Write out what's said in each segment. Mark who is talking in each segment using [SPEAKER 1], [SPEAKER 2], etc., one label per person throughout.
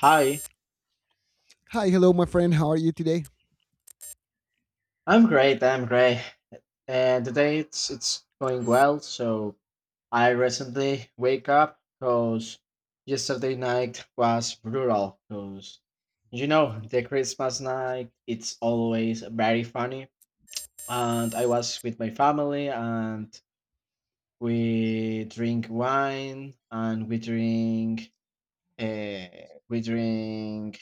[SPEAKER 1] Hi,
[SPEAKER 2] Hi, hello, my friend. How are you today?
[SPEAKER 1] I'm great. And today it's going well. So I recently wake up because yesterday night was brutal. Because you know the Christmas night it's always very funny. And I was with my family and we drink wine and uh, we drink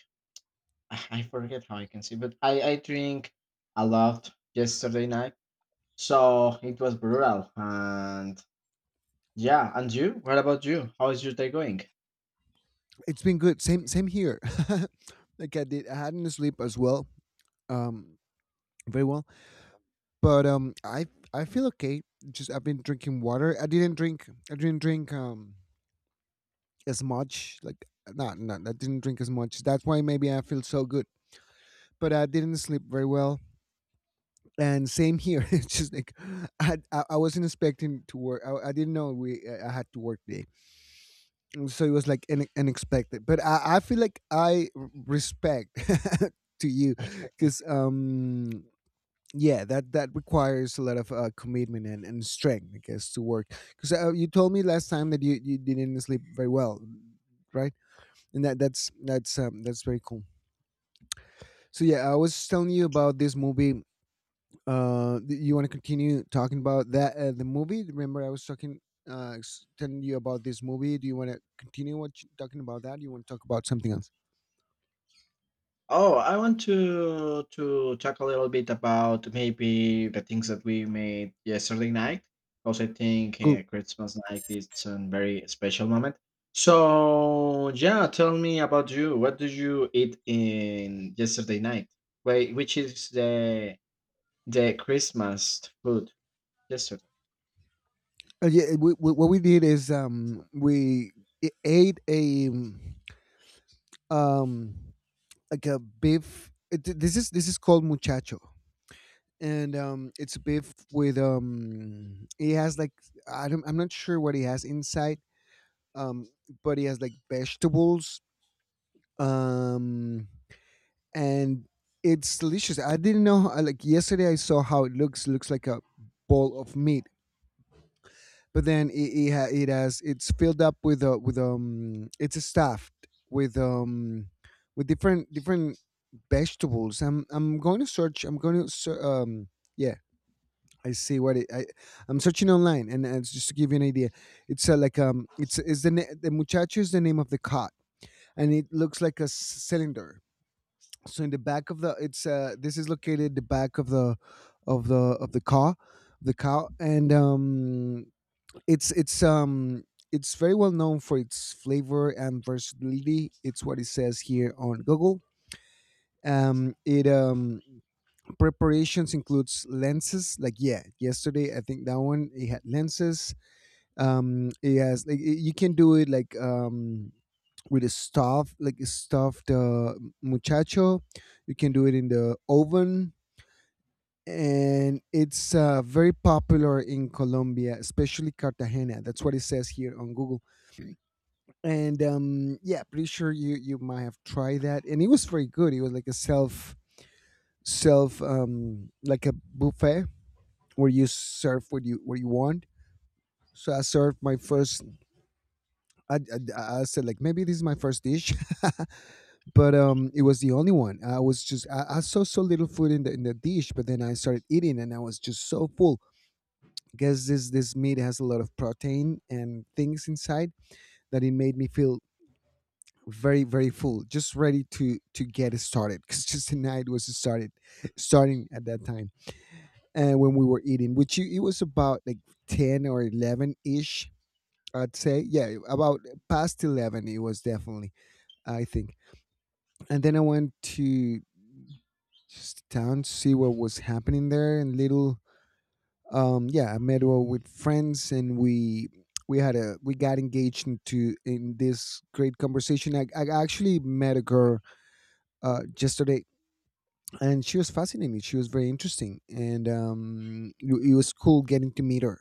[SPEAKER 1] I forget how I can say, but I drink a lot yesterday night. So it was brutal. And yeah, and you? What about you? How is your day going?
[SPEAKER 2] It's been good. Same, same here. Like I did, I hadn't sleep as well, um, very well. But I feel okay. Just I've been drinking water. I didn't drink. I didn't drink as much. Like not. I didn't drink as much. That's why maybe I feel so good. But I didn't sleep very well. And same here. It's just like I wasn't expecting to work. I didn't know we I had to work today. And so it was like unexpected, but I feel like I respect to you because yeah, that requires a lot of commitment and strength, I guess, to work because you told me last time that you didn't sleep very well, right? And that's very cool. So yeah, I was telling you about this movie. You want to continue talking about that, the movie? Remember I was talking, telling you about this movie. Do you want to continue, talking about that? Do you want to talk about something else?
[SPEAKER 1] Oh, I want to talk a little bit about maybe the things that we made yesterday night, because I think
[SPEAKER 2] Cool.
[SPEAKER 1] Christmas night is a very special moment. So yeah, tell me about you. What did you eat in yesterday night? Wait, which is the Christmas food yesterday?
[SPEAKER 2] Yeah, what we did is, we ate a, um like a beef. This is, this is called muchacho. And it's beef with, it has like, I'm not sure what he has inside. um but he has like vegetables, um and it's delicious. I didn't know. Like yesterday I saw how it looks. Looks like a bowl of meat. But then it, ha- it has it's filled up with a, with it's stuffed with, with different vegetables. I'm going to search. I'm going to ser- Yeah. I see what it, I I'm searching online, and just to give you an idea. It's like, it's is the na- the muchacho is the name of the cod. And it looks like a cylinder. So in the back of the — it's this is located the back of the, of the of the car — the cow. And it's it's um it's very well known for its flavor and versatility. It's what it says here on Google. It Preparations includes lenses. Like yeah, yesterday I think that one it had lenses. It has like, you can do it like, with a stuff, like a stuffed muchacho. You can do it in the oven. And it's very popular in Colombia, especially Cartagena. That's what it says here on Google. And Yeah, pretty sure you might have tried that, and it was very good. It was like a, self self like a buffet, where you serve what you, what you want. So I served my first. i I said like, maybe this is my first dish. But it was the only one. I was just, I saw so little food in the, in the dish, but then I started eating and I was just so full. Guess this meat has a lot of protein and things inside, that it made me feel very, very full. Just ready to get it started, because just the night was started starting at that time. And when we were eating, which it was about like 10 or 11 ish, I'd say. Yeah, about past 11, it was definitely, I think. And then I went to, just down to see what was happening there. And little, yeah, I met with friends, and we had a we got engaged into, in this great conversation. I actually met a girl yesterday. And she was fascinating. She was very interesting. And it was cool getting to meet her,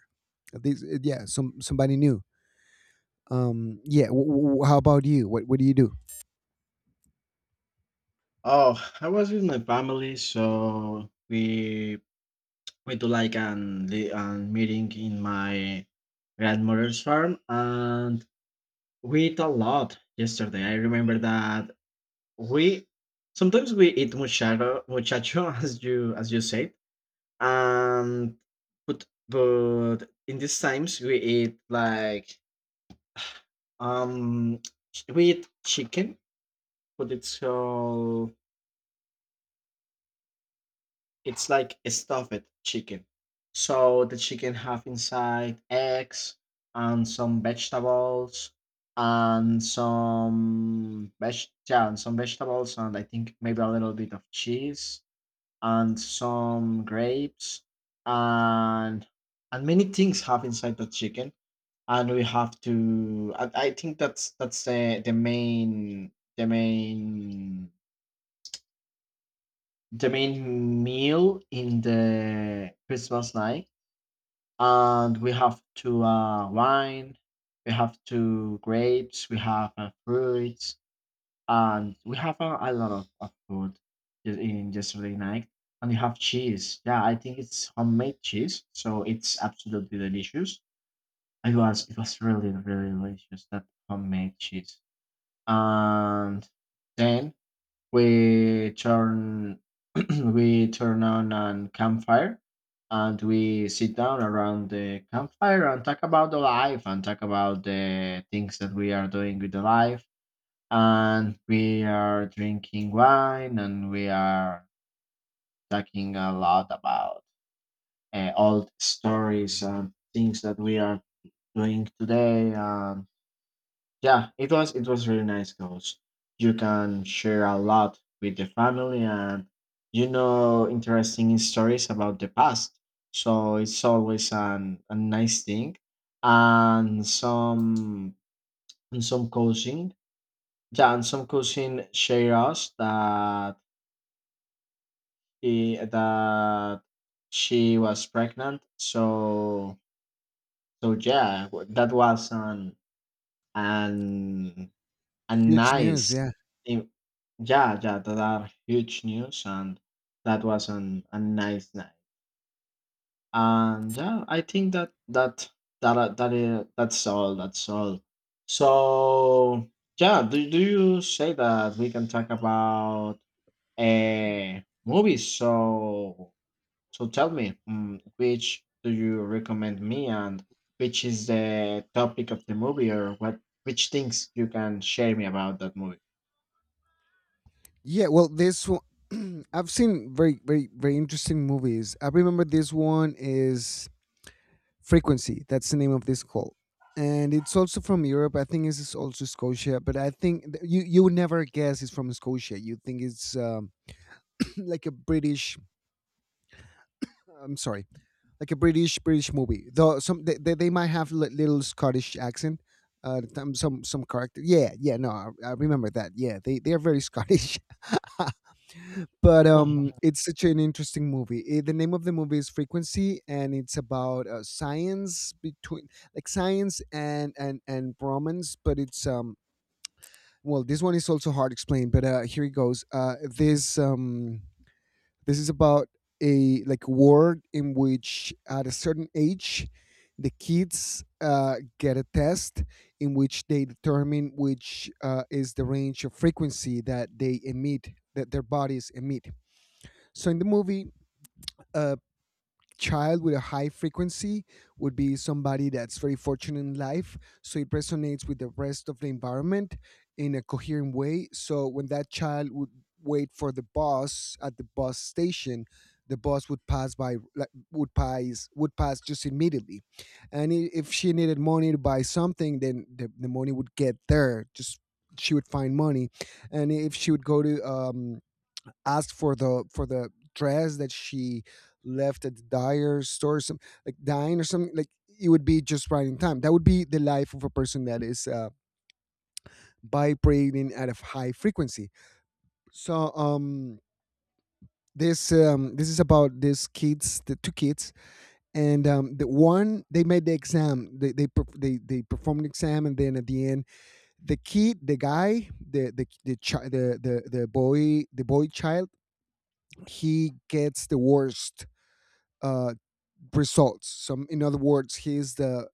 [SPEAKER 2] this, yeah, somebody new. Yeah, how about you? What do you do?
[SPEAKER 1] Oh, I was with my family, so we do like an the an meeting in my grandmother's farm, and we eat a lot yesterday. I remember that we sometimes we eat muchacho muchacho as you said. And but in these times we eat like um we eat chicken, but it's all. It's like a stuffed chicken. So the chicken have inside eggs and some vegetables and some veg yeah, and some vegetables, and I think maybe a little bit of cheese and some grapes and and many things have inside the chicken. And we have to I think that's the the main meal in the Christmas night, and we have to wine, we have to grapes, we have fruits, and we have a lot of food in yesterday night. And we have cheese. Yeah, I think it's homemade cheese, so it's absolutely delicious. It was really really delicious, that homemade cheese. And then we turn we turn on a campfire, and we sit down around the campfire and talk about the life and talk about the things that we are doing with the life. And we are drinking wine, and we are talking a lot about old stories and things that we are doing today. And yeah, it was really nice because you can share a lot with the family, and you know interesting stories about the past. So it's always an a nice thing. And some and some cousin, yeah, and some cousin share us that he, that she was pregnant. So so yeah, that was an a
[SPEAKER 2] Huge news,
[SPEAKER 1] nice.
[SPEAKER 2] yeah.
[SPEAKER 1] Yeah, yeah, that are huge news, and that was an a nice night. And yeah, I think that's all. That's all. So yeah, do you say that we can talk about uh movies? So so tell me, mm, which do you recommend me, and which is the topic of the movie, or what which things you can share me about that movie?
[SPEAKER 2] Yeah, well, this one, I've seen very, very, very interesting movies. I remember this one is Frequency. That's the name of this call, and it's also from Europe. I think this is also Scotia, but I think you would never guess it's from Scotia. You think it's like a British. I'm sorry, like a British movie. Though some, they might have little Scottish accent. Some character. Yeah, yeah. No, I remember that. Yeah, they are very Scottish. But it's such an interesting movie. Eh, the name of the movie is Frequency, and it's about science between, like, science and romance. But it's, well, this one is also hard explained, but here it goes. This is about a, like, war, in which at a certain age the kids get a test, in which they determine which, is the range of frequency that they emit, that their bodies emit. So in the movie, a child with a high frequency would be somebody that's very fortunate in life. So it resonates with the rest of the environment in a coherent way. So when that child would wait for the bus at the bus station, the bus would pass by, like, would pass just immediately. And if she needed money to buy something, then the money would get there. Just, she would find money, and if she would go to, asked for the, for the dress that she left at the dyer store, some like dine or something. Like, it would be just right in time. That would be the life of a person that is vibrating at a high frequency. So, this is about these kids, the two kids, and, the one, they made the exam. They performed an exam, and then at the end, the kid, the guy, the boy, child — he gets the worst uh results. So, in other words, he's the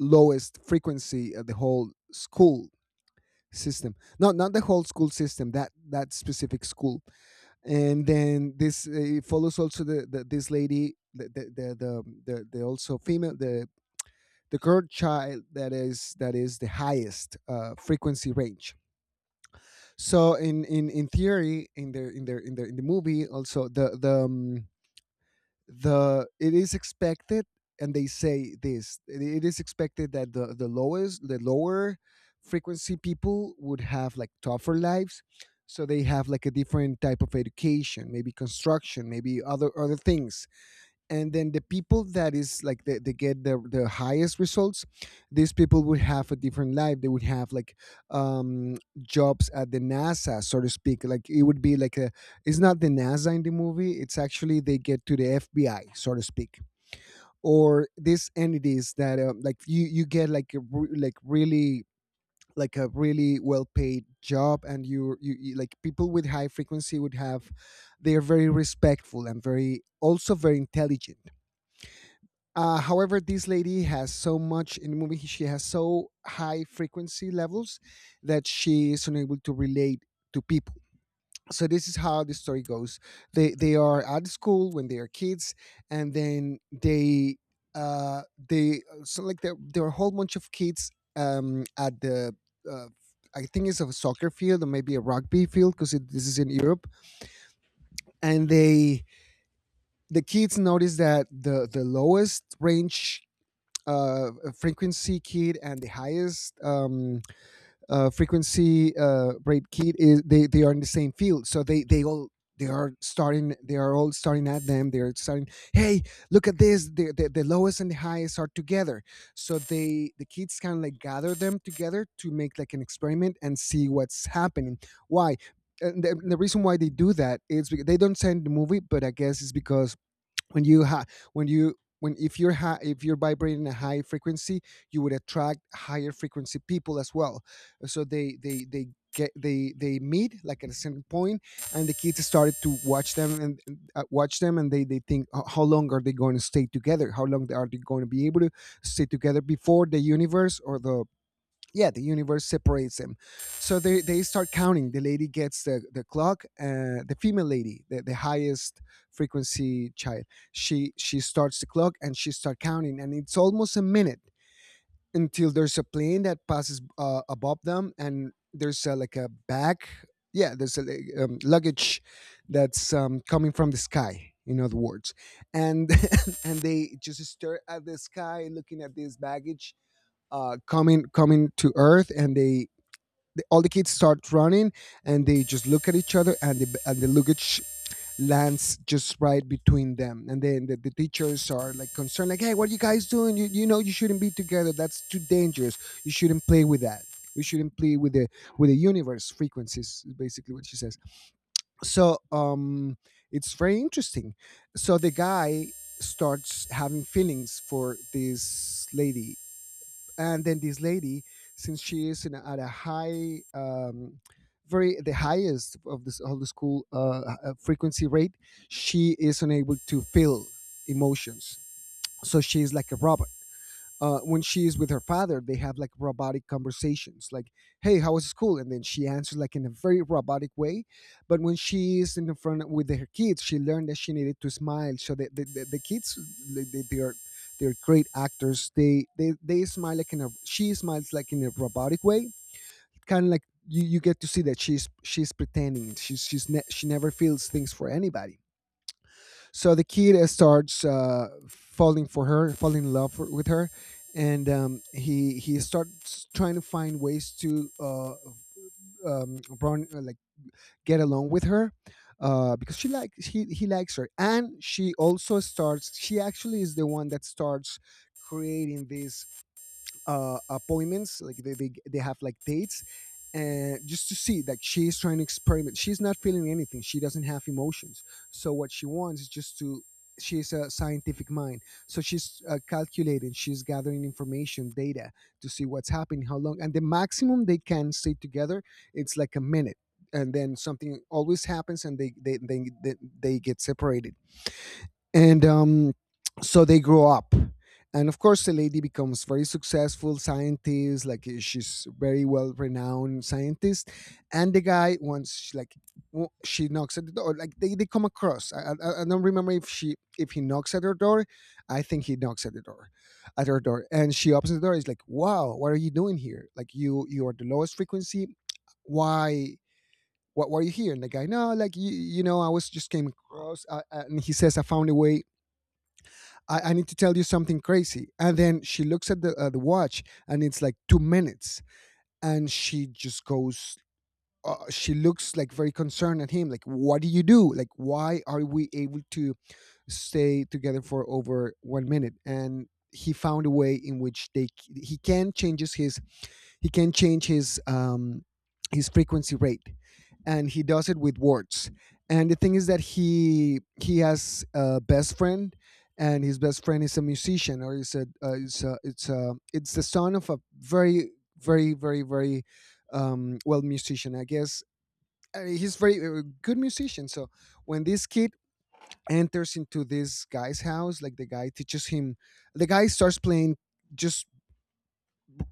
[SPEAKER 2] lowest frequency of the whole school system. No, not the whole school system. That specific school. And then this follows also the this lady, the also female, the girl child that is, that is the highest frequency range. So, in theory, in the movie, also, the, it is expected, and they say this, it is expected that the lower frequency people would have like tougher lives. So they have like a different type of education, maybe construction, maybe other things. And then the people that is, like, they get, the highest results. These people would have a different life. They would have like, um jobs at the NASA, so to speak. Like, it would be like a — it's not the NASA in the movie. It's actually, they get to the FBI, so to speak. Or these entities that, like you get like, a, re- like really like a really well paid job. And you, like, people with high frequency would have — they are very respectful, and very, also very intelligent. However, this lady has so much. In the movie, she has so high frequency levels that she is unable to relate to people. So this is how the story goes. They are at school when they are kids, and then, uh they, so, like, there are a whole bunch of kids, at the, uh, I think it's a soccer field, or maybe a rugby field because this is in Europe. And the kids notice that the lowest range uh, frequency kid, and the highest, frequency rate kid is — they are in the same field. So they all, they are starting, they're starting. Hey, look at this, the lowest and the highest are together. So the kids kind of like gather them together to make like an experiment and see what's happening, why. And the reason why they do that is because they don't say in the movie, but I guess it's because when, you when if you're ha- if you're vibrating a high frequency, you would attract higher frequency people as well. So they get they meet like at a certain point. And the kids started to watch them, and, watch them, and they think, "Oh, how long are they going to stay together? How long are they going to be able to stay together before the universe, or the — yeah, the universe separates them?" So they start counting. The lady gets the clock, the female lady, the highest frequency child. She starts the clock and she start counting, and it's almost a minute until there's a plane that passes above them, and there's like a bag. Yeah, there's a like, luggage that's coming from the sky. In other words, and and they just stare at the sky, looking at this baggage, coming to Earth, and they all the kids start running, and they just look at each other, and the luggage lands just right between them, and then the teachers are like concerned, like, "Hey, what are you guys doing? You know you shouldn't be together. That's too dangerous. You shouldn't play with that. You shouldn't play with the universe frequencies." is Basically, what she says. So it's very interesting. So the guy starts having feelings for this lady, and then this lady, since she is in at a high, very the highest of this of the school, frequency rate, she is unable to feel emotions. So she is like a robot. When she is with her father, they have like robotic conversations, like, "Hey, how was school?" And then she answers like in a very robotic way. But when she is in the front with her kids, she learned that she needed to smile. So the kids, they are, they're great actors. They smile like in a she smiles like in a robotic way, kind of like you get to see that she's pretending. She never feels things for anybody. So the kid starts falling for her, falling in love with her, and he starts trying to find ways to run, like get along with her because she likes he likes her, and she also starts. She actually is the one that starts creating this appointments, like they have like dates, and just to see that she is trying to experiment. She's not feeling anything, she doesn't have emotions. So what she wants is just to, she's a scientific mind, so she's calculating, she's gathering information, data, to see what's happening, how long and the maximum they can stay together. It's like a minute, and then something always happens and they get separated. And So they grow up, and of course the lady becomes very successful scientist, like, she's very well renowned scientist. And the guy once like she knocks at the door, like they come across. I don't remember if she if he knocks at her door. I think he knocks at the door, at her door, and she opens the door. He's like, wow, what are you doing here? Like, you are the lowest frequency. Why? What were you here? And the guy, no, like, you know, I was just came across and he says, I found a way. I need to tell you something crazy. And then she looks at the watch and it's like 2 minutes. And she just goes, she looks like very concerned at him. Like, what do you do? Like, why are we able to stay together for over 1 minute? And he found a way in which they he can changes his he can change his frequency rate. And he does it with words. And the thing is that he has a best friend, and his best friend is a musician, or is a, it's the son of a very, very, well, musician, I guess. He's very good musician. So when this kid enters into this guy's house, like the guy teaches him, the guy starts playing just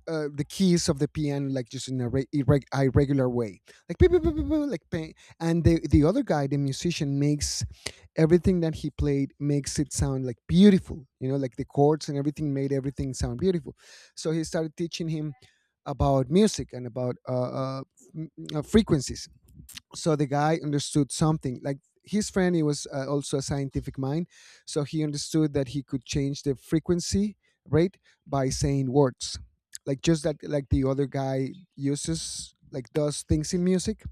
[SPEAKER 2] the keys of the piano, like, just in a irregular way, like, beep, beep, beep, beep, beep, like ping. And the other guy, the musician, makes everything that he played makes it sound like beautiful, you know, like the chords and everything made everything sound beautiful. So he started teaching him about music and about frequencies. So the guy understood something, like, his friend, he was also a scientific mind. So he understood that he could change the frequency rate by saying words, like just that, like the other guy uses, like, does things in music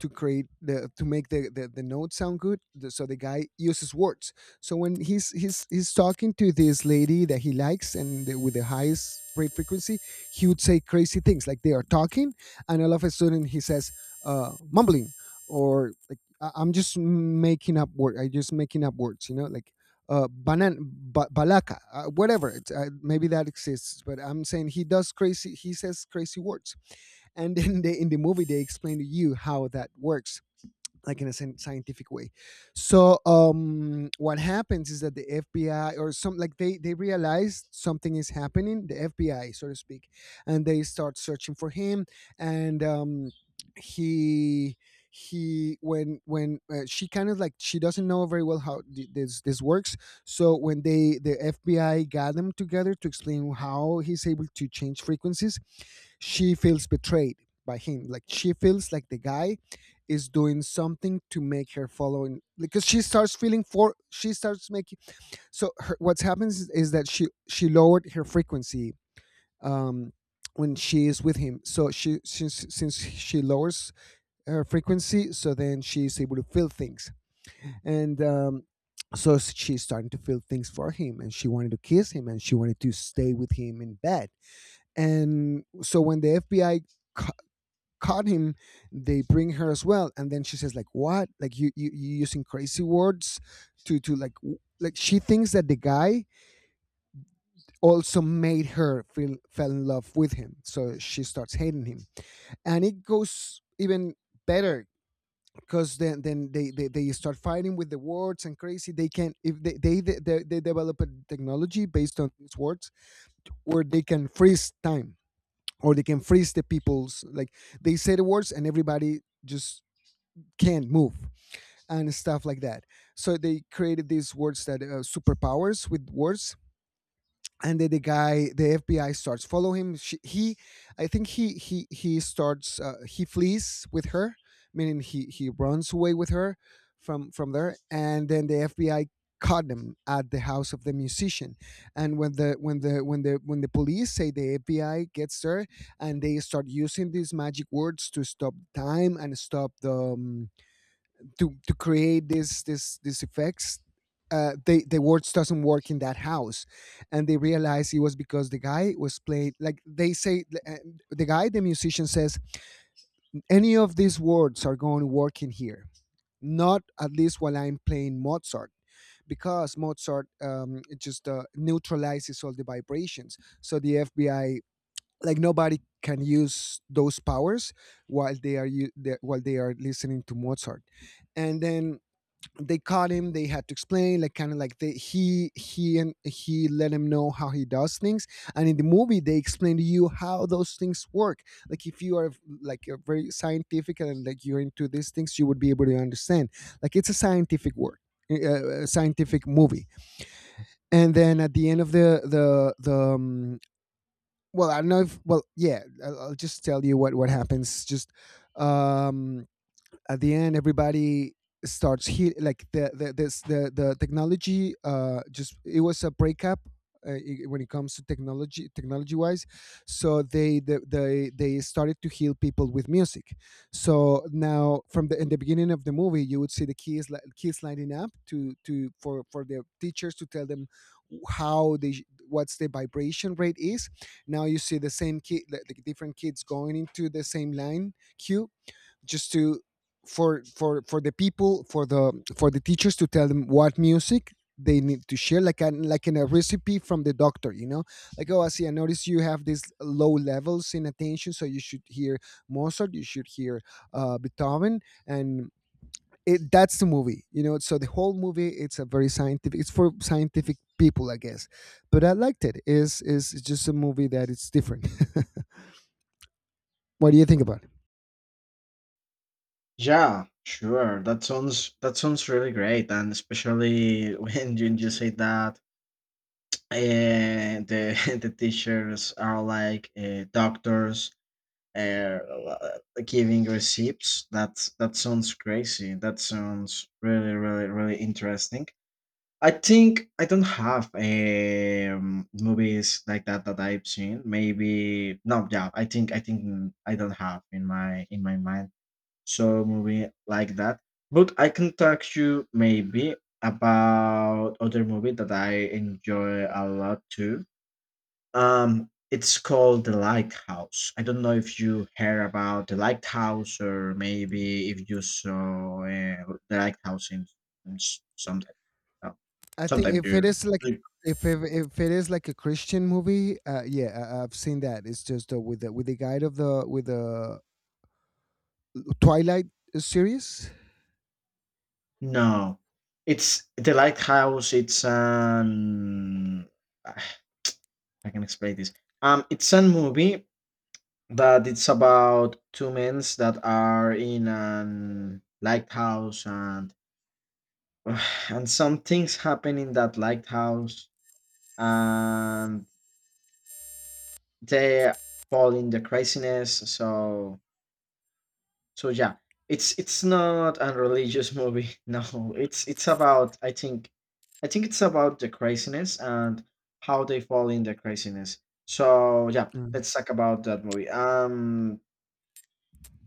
[SPEAKER 2] to create the to make the note sound good. So the guy uses words. So when he's talking to this lady that he likes, and with the highest rate frequency, he would say crazy things like they are talking, and all of a sudden he says, mumbling, or like, I'm just making up word I just making up words, you know, like, banan, balaka, whatever." It's, maybe that exists, but I'm saying he does crazy. He says crazy words, and then they, in the movie, they explain to you how that works, like in a scientific way. So what happens is that the FBI, or some, like, they realize something is happening, the FBI, so to speak. And they start searching for him. And he he, when she kind of like, she doesn't know very well how this works. So when they the FBI got them together to explain how he's able to change frequencies, she feels betrayed by him. Like, she feels like the guy is doing something to make her follow him, because she starts feeling for, she starts making, so her, what's happens is that she lowered her frequency, um when she is with him. So she, since she lowers her frequency, so then she is able to feel things. And so she's starting to feel things for him, and she wanted to kiss him and she wanted to stay with him in bed. And so when the FBI caught him, they bring her as well, and then she says, like, what, like, you using crazy words to like, like, she thinks that the guy also made her feel fell in love with him, so she starts hating him. And it goes even better, because then they start fighting with the words and crazy they can, if they develop a technology based on these words, where they can freeze time, or they can freeze the people's, like, they say the words and everybody just can't move and stuff like that. So they created these words that, superpowers with words. And then the guy, the FBI starts follow him. He, I think he starts he flees with her, meaning he runs away with her from there. And then the FBI caught him at the house of the musician. And when the when the when the when the police say the FBI gets there, and they start using these magic words to stop time and stop the to create this this these effects. The words doesn't work in that house, and they realize it was because the guy was played, like they say, the musician says, any of these words are going to work in here, not at least while I'm playing Mozart. Because Mozart, it just neutralizes all the vibrations. So the FBI, like, nobody can use those powers while they are while they are listening to Mozart. And then they caught him, they had to explain, like, kind of like they, he and he let him know how he does things. And in the movie they explain to you how those things work, like, if you are like a very scientific and, like, you're into these things, you would be able to understand. Like, it's a scientific work, a scientific movie. And then at the end of the well, I don't know if, well, yeah, I'll just tell you what happens just. um at the end, everybody starts hit like the this, the technology, just it was a breakup, when it comes to technology, technology wise. So they started to heal people with music. So now, from the in the beginning of the movie you would see kids lining up to for the teachers to tell them how what's the vibration rate is. Now you see the same like different kids going into the same line, queue, just to, for the people, for the teachers to tell them what music they need to share, like an, like in a recipe from the doctor, you know, like, oh, I see, I notice you have these low levels in attention, so you should hear Mozart, you should hear Beethoven. And it That's the movie, you know. So the whole movie, it's a very scientific, it's for scientific people, I guess. But I liked it. Is just a movie that it's different. What do you think about it?
[SPEAKER 1] Yeah, sure. That sounds really great, and especially when you just say that the the teachers are like doctors uh, giving receipts. That that sounds crazy. That sounds really really really interesting. I think I don't have movies like that that I've seen. Maybe no, yeah. I don't have in my mind so movie like that. But I can talk to you maybe about other movie that I enjoy a lot too. It's called The Lighthouse. I don't know if you heard about The Lighthouse, or maybe if you saw The Lighthouse in, sometime. No,
[SPEAKER 2] I think
[SPEAKER 1] sometime
[SPEAKER 2] if it
[SPEAKER 1] you.
[SPEAKER 2] is like,
[SPEAKER 1] you-
[SPEAKER 2] if it is like a Christian movie, yeah, I've seen that. It's just with the guide of the with the Twilight series.
[SPEAKER 1] no, it's The Lighthouse. It's an I can explain this. It's a movie that it's about two men that are in an lighthouse, and and some things happen in that lighthouse, and they fall in the craziness. So so yeah. It's not a religious movie. No. It's about I think it's about the craziness and how they fall in the craziness. So yeah,
[SPEAKER 2] Mm.
[SPEAKER 1] let's talk about that movie. Um,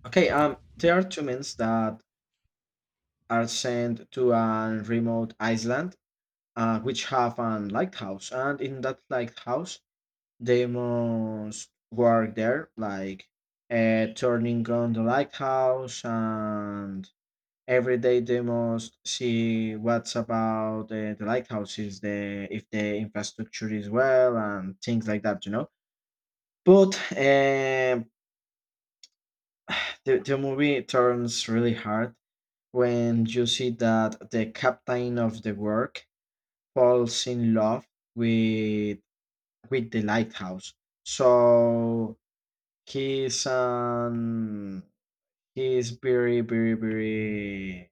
[SPEAKER 1] okay, um, there are two men that are sent to a remote island, which have a lighthouse, and in that lighthouse they must work there like turning on the lighthouse, and every day they must see what's about the lighthouse is, the if the infrastructure is well and things like that, you know. But the movie turns really hard when you see that the captain of the work falls in love with with the lighthouse. So he's um he's very very very.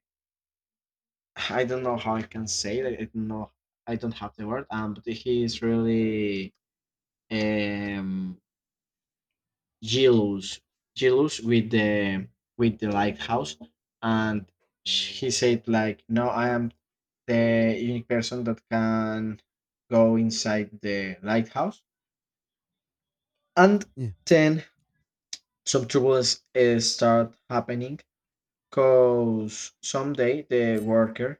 [SPEAKER 1] I don't know how I can say it. I don't know. I don't have the word. But he is really um jealous, jealous with the with the lighthouse, and he said like, no, I am the unique person that can go inside the lighthouse. And
[SPEAKER 2] Yeah.
[SPEAKER 1] then some troubles start happening because someday the worker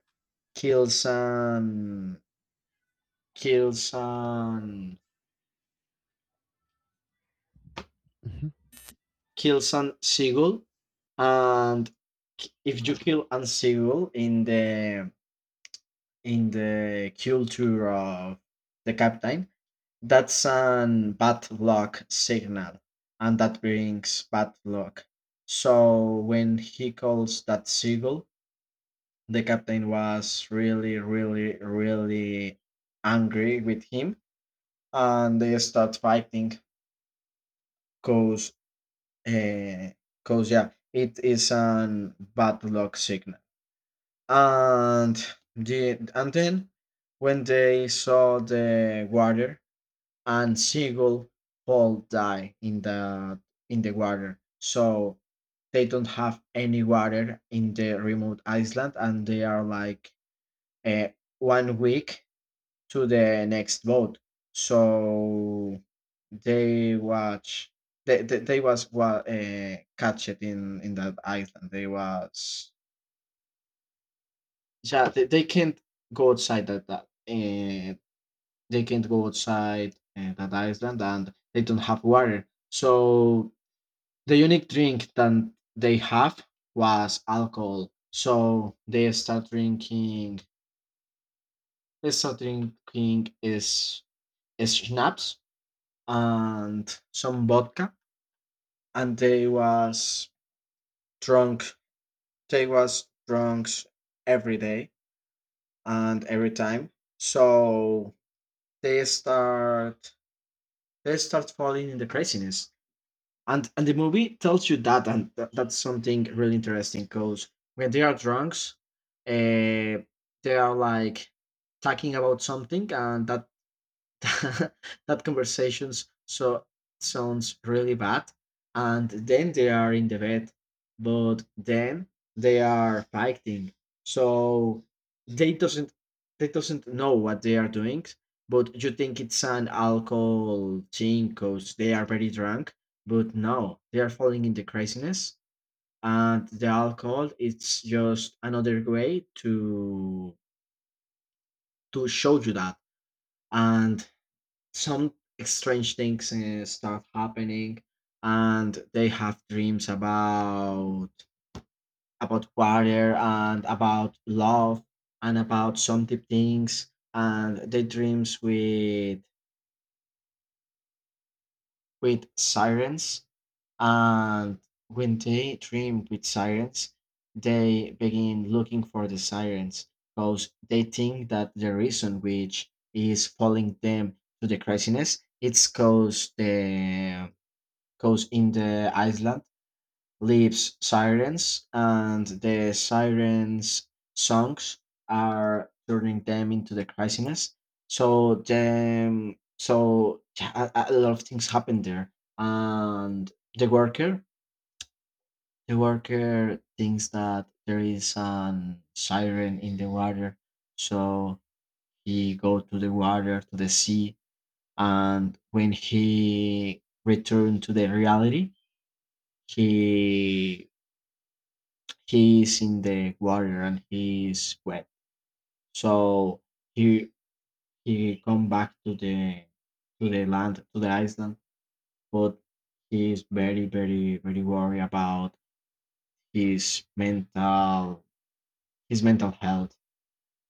[SPEAKER 1] kills an kills an
[SPEAKER 2] Mhm.
[SPEAKER 1] kills an seagull. And if you kill an seagull in the culture of the captain, that's an bad luck signal, and that brings bad luck. So when he calls that seagull, the captain was really, really, really angry with him, and they start fighting. Cause, uh, cause yeah, it is an bad luck signal. And then when they saw the water and Seagull all die in the water, so they don't have any water in the remote island, and they are like. Uh, 1 week to the next vote. So they watch they was wa catched in that island. They was yeah they can't go outside that that they can't go outside that island, and they don't have water. So the unique drink that they have was alcohol. So they start drinking is schnapps and some vodka, and they was drunk. They was drunk every day and every time. So they start they start falling in the craziness. And the movie tells you that, and that's something really interesting because when they are drunks, uh, they are like talking about something, and that that conversations so sounds really bad, and then they are in the bed, but then they are fighting. So they doesn't they doesn't know what they are doing, but you think it's an alcohol thing because they are very drunk, but no, they are falling into craziness, and the alcohol it's just another way to show you that. And some strange things start happening, and they have dreams about water and about love and about some deep things, and they dreams with sirens. And when they dream with sirens, they begin looking for the sirens because they think that the reason which is falling them to the craziness it's cause the. Because in the island lives sirens, and the sirens' songs are turning them into the craziness. So then, so yeah, a lot of things happen there. And the worker, the worker thinks that there is an siren in the water, so he go to the water to the sea. And when he returned to the reality, he he's in the water, and he's wet. So he come back to the land to the island, but he's very very very worried about his mental his mental health.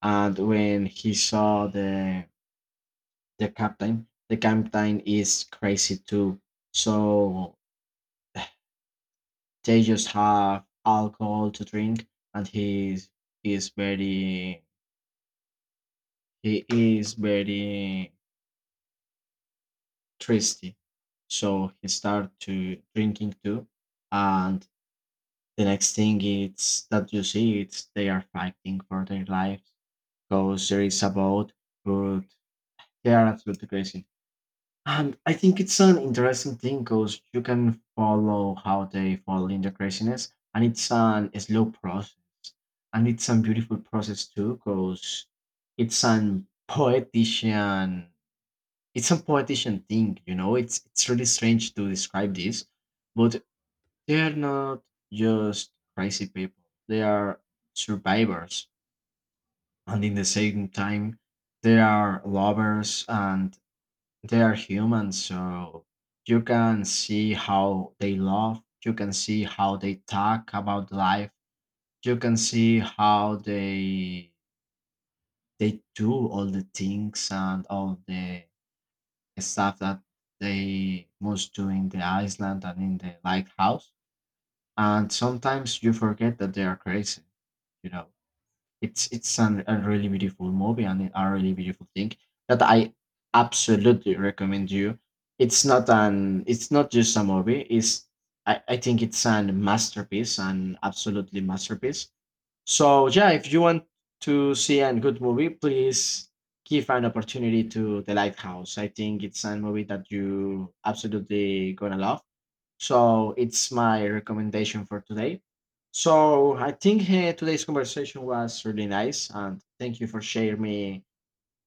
[SPEAKER 1] And when he saw the captain is crazy too. So they just have alcohol to drink, and is very he is very thirsty. So he started to drinking too. And the next thing it's that you see it's they are fighting for their lives because there is about, but they are absolutely crazy. And I think it's an interesting thing because you can follow how they fall into craziness, and it's an a slow process. And it's a beautiful process too because it's an poetician it's a politician thing, you know. It's really strange to describe this, but they are not just crazy people. They are survivors, and in the same time, they are lovers, and they are humans. So you can see how they love. You can see how they talk about life. You can see how they do all the things and all the stuff that they must do in the island and in the lighthouse. And sometimes you forget that they are crazy. You know, it's an, a really beautiful movie and a really beautiful thing that I absolutely recommend you. It's not an it's not just a movie. It's I think it's an masterpiece, an absolutely masterpiece. So yeah, if you want to see a good movie, please give an opportunity to The Lighthouse. I think it's a movie that you absolutely gonna love. So it's my recommendation for today. So I think today's conversation was really nice, and thank you for sharing me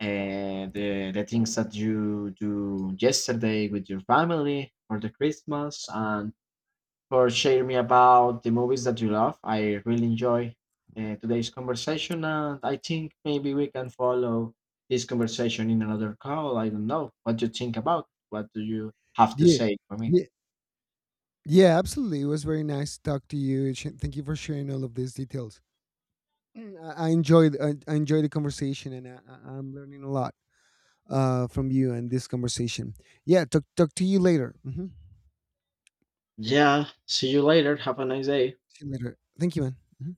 [SPEAKER 1] the things that you do yesterday with your family for the Christmas, and for sharing me about the movies that you love. I really enjoy today's conversation, and I think maybe we can follow this conversation in another call. I don't know. What do you think about? What do you have to
[SPEAKER 2] Yeah,
[SPEAKER 1] say for me?
[SPEAKER 2] yeah, yeah, absolutely. It was very nice to talk to you. Thank you for sharing all of these details. Mm, I enjoyed, I enjoyed the conversation, and I'm learning a lot from you and this conversation. Yeah, talk to you later. Hmm.
[SPEAKER 1] Yeah, see you later. Have a nice day.
[SPEAKER 2] See you later. Thank you, man.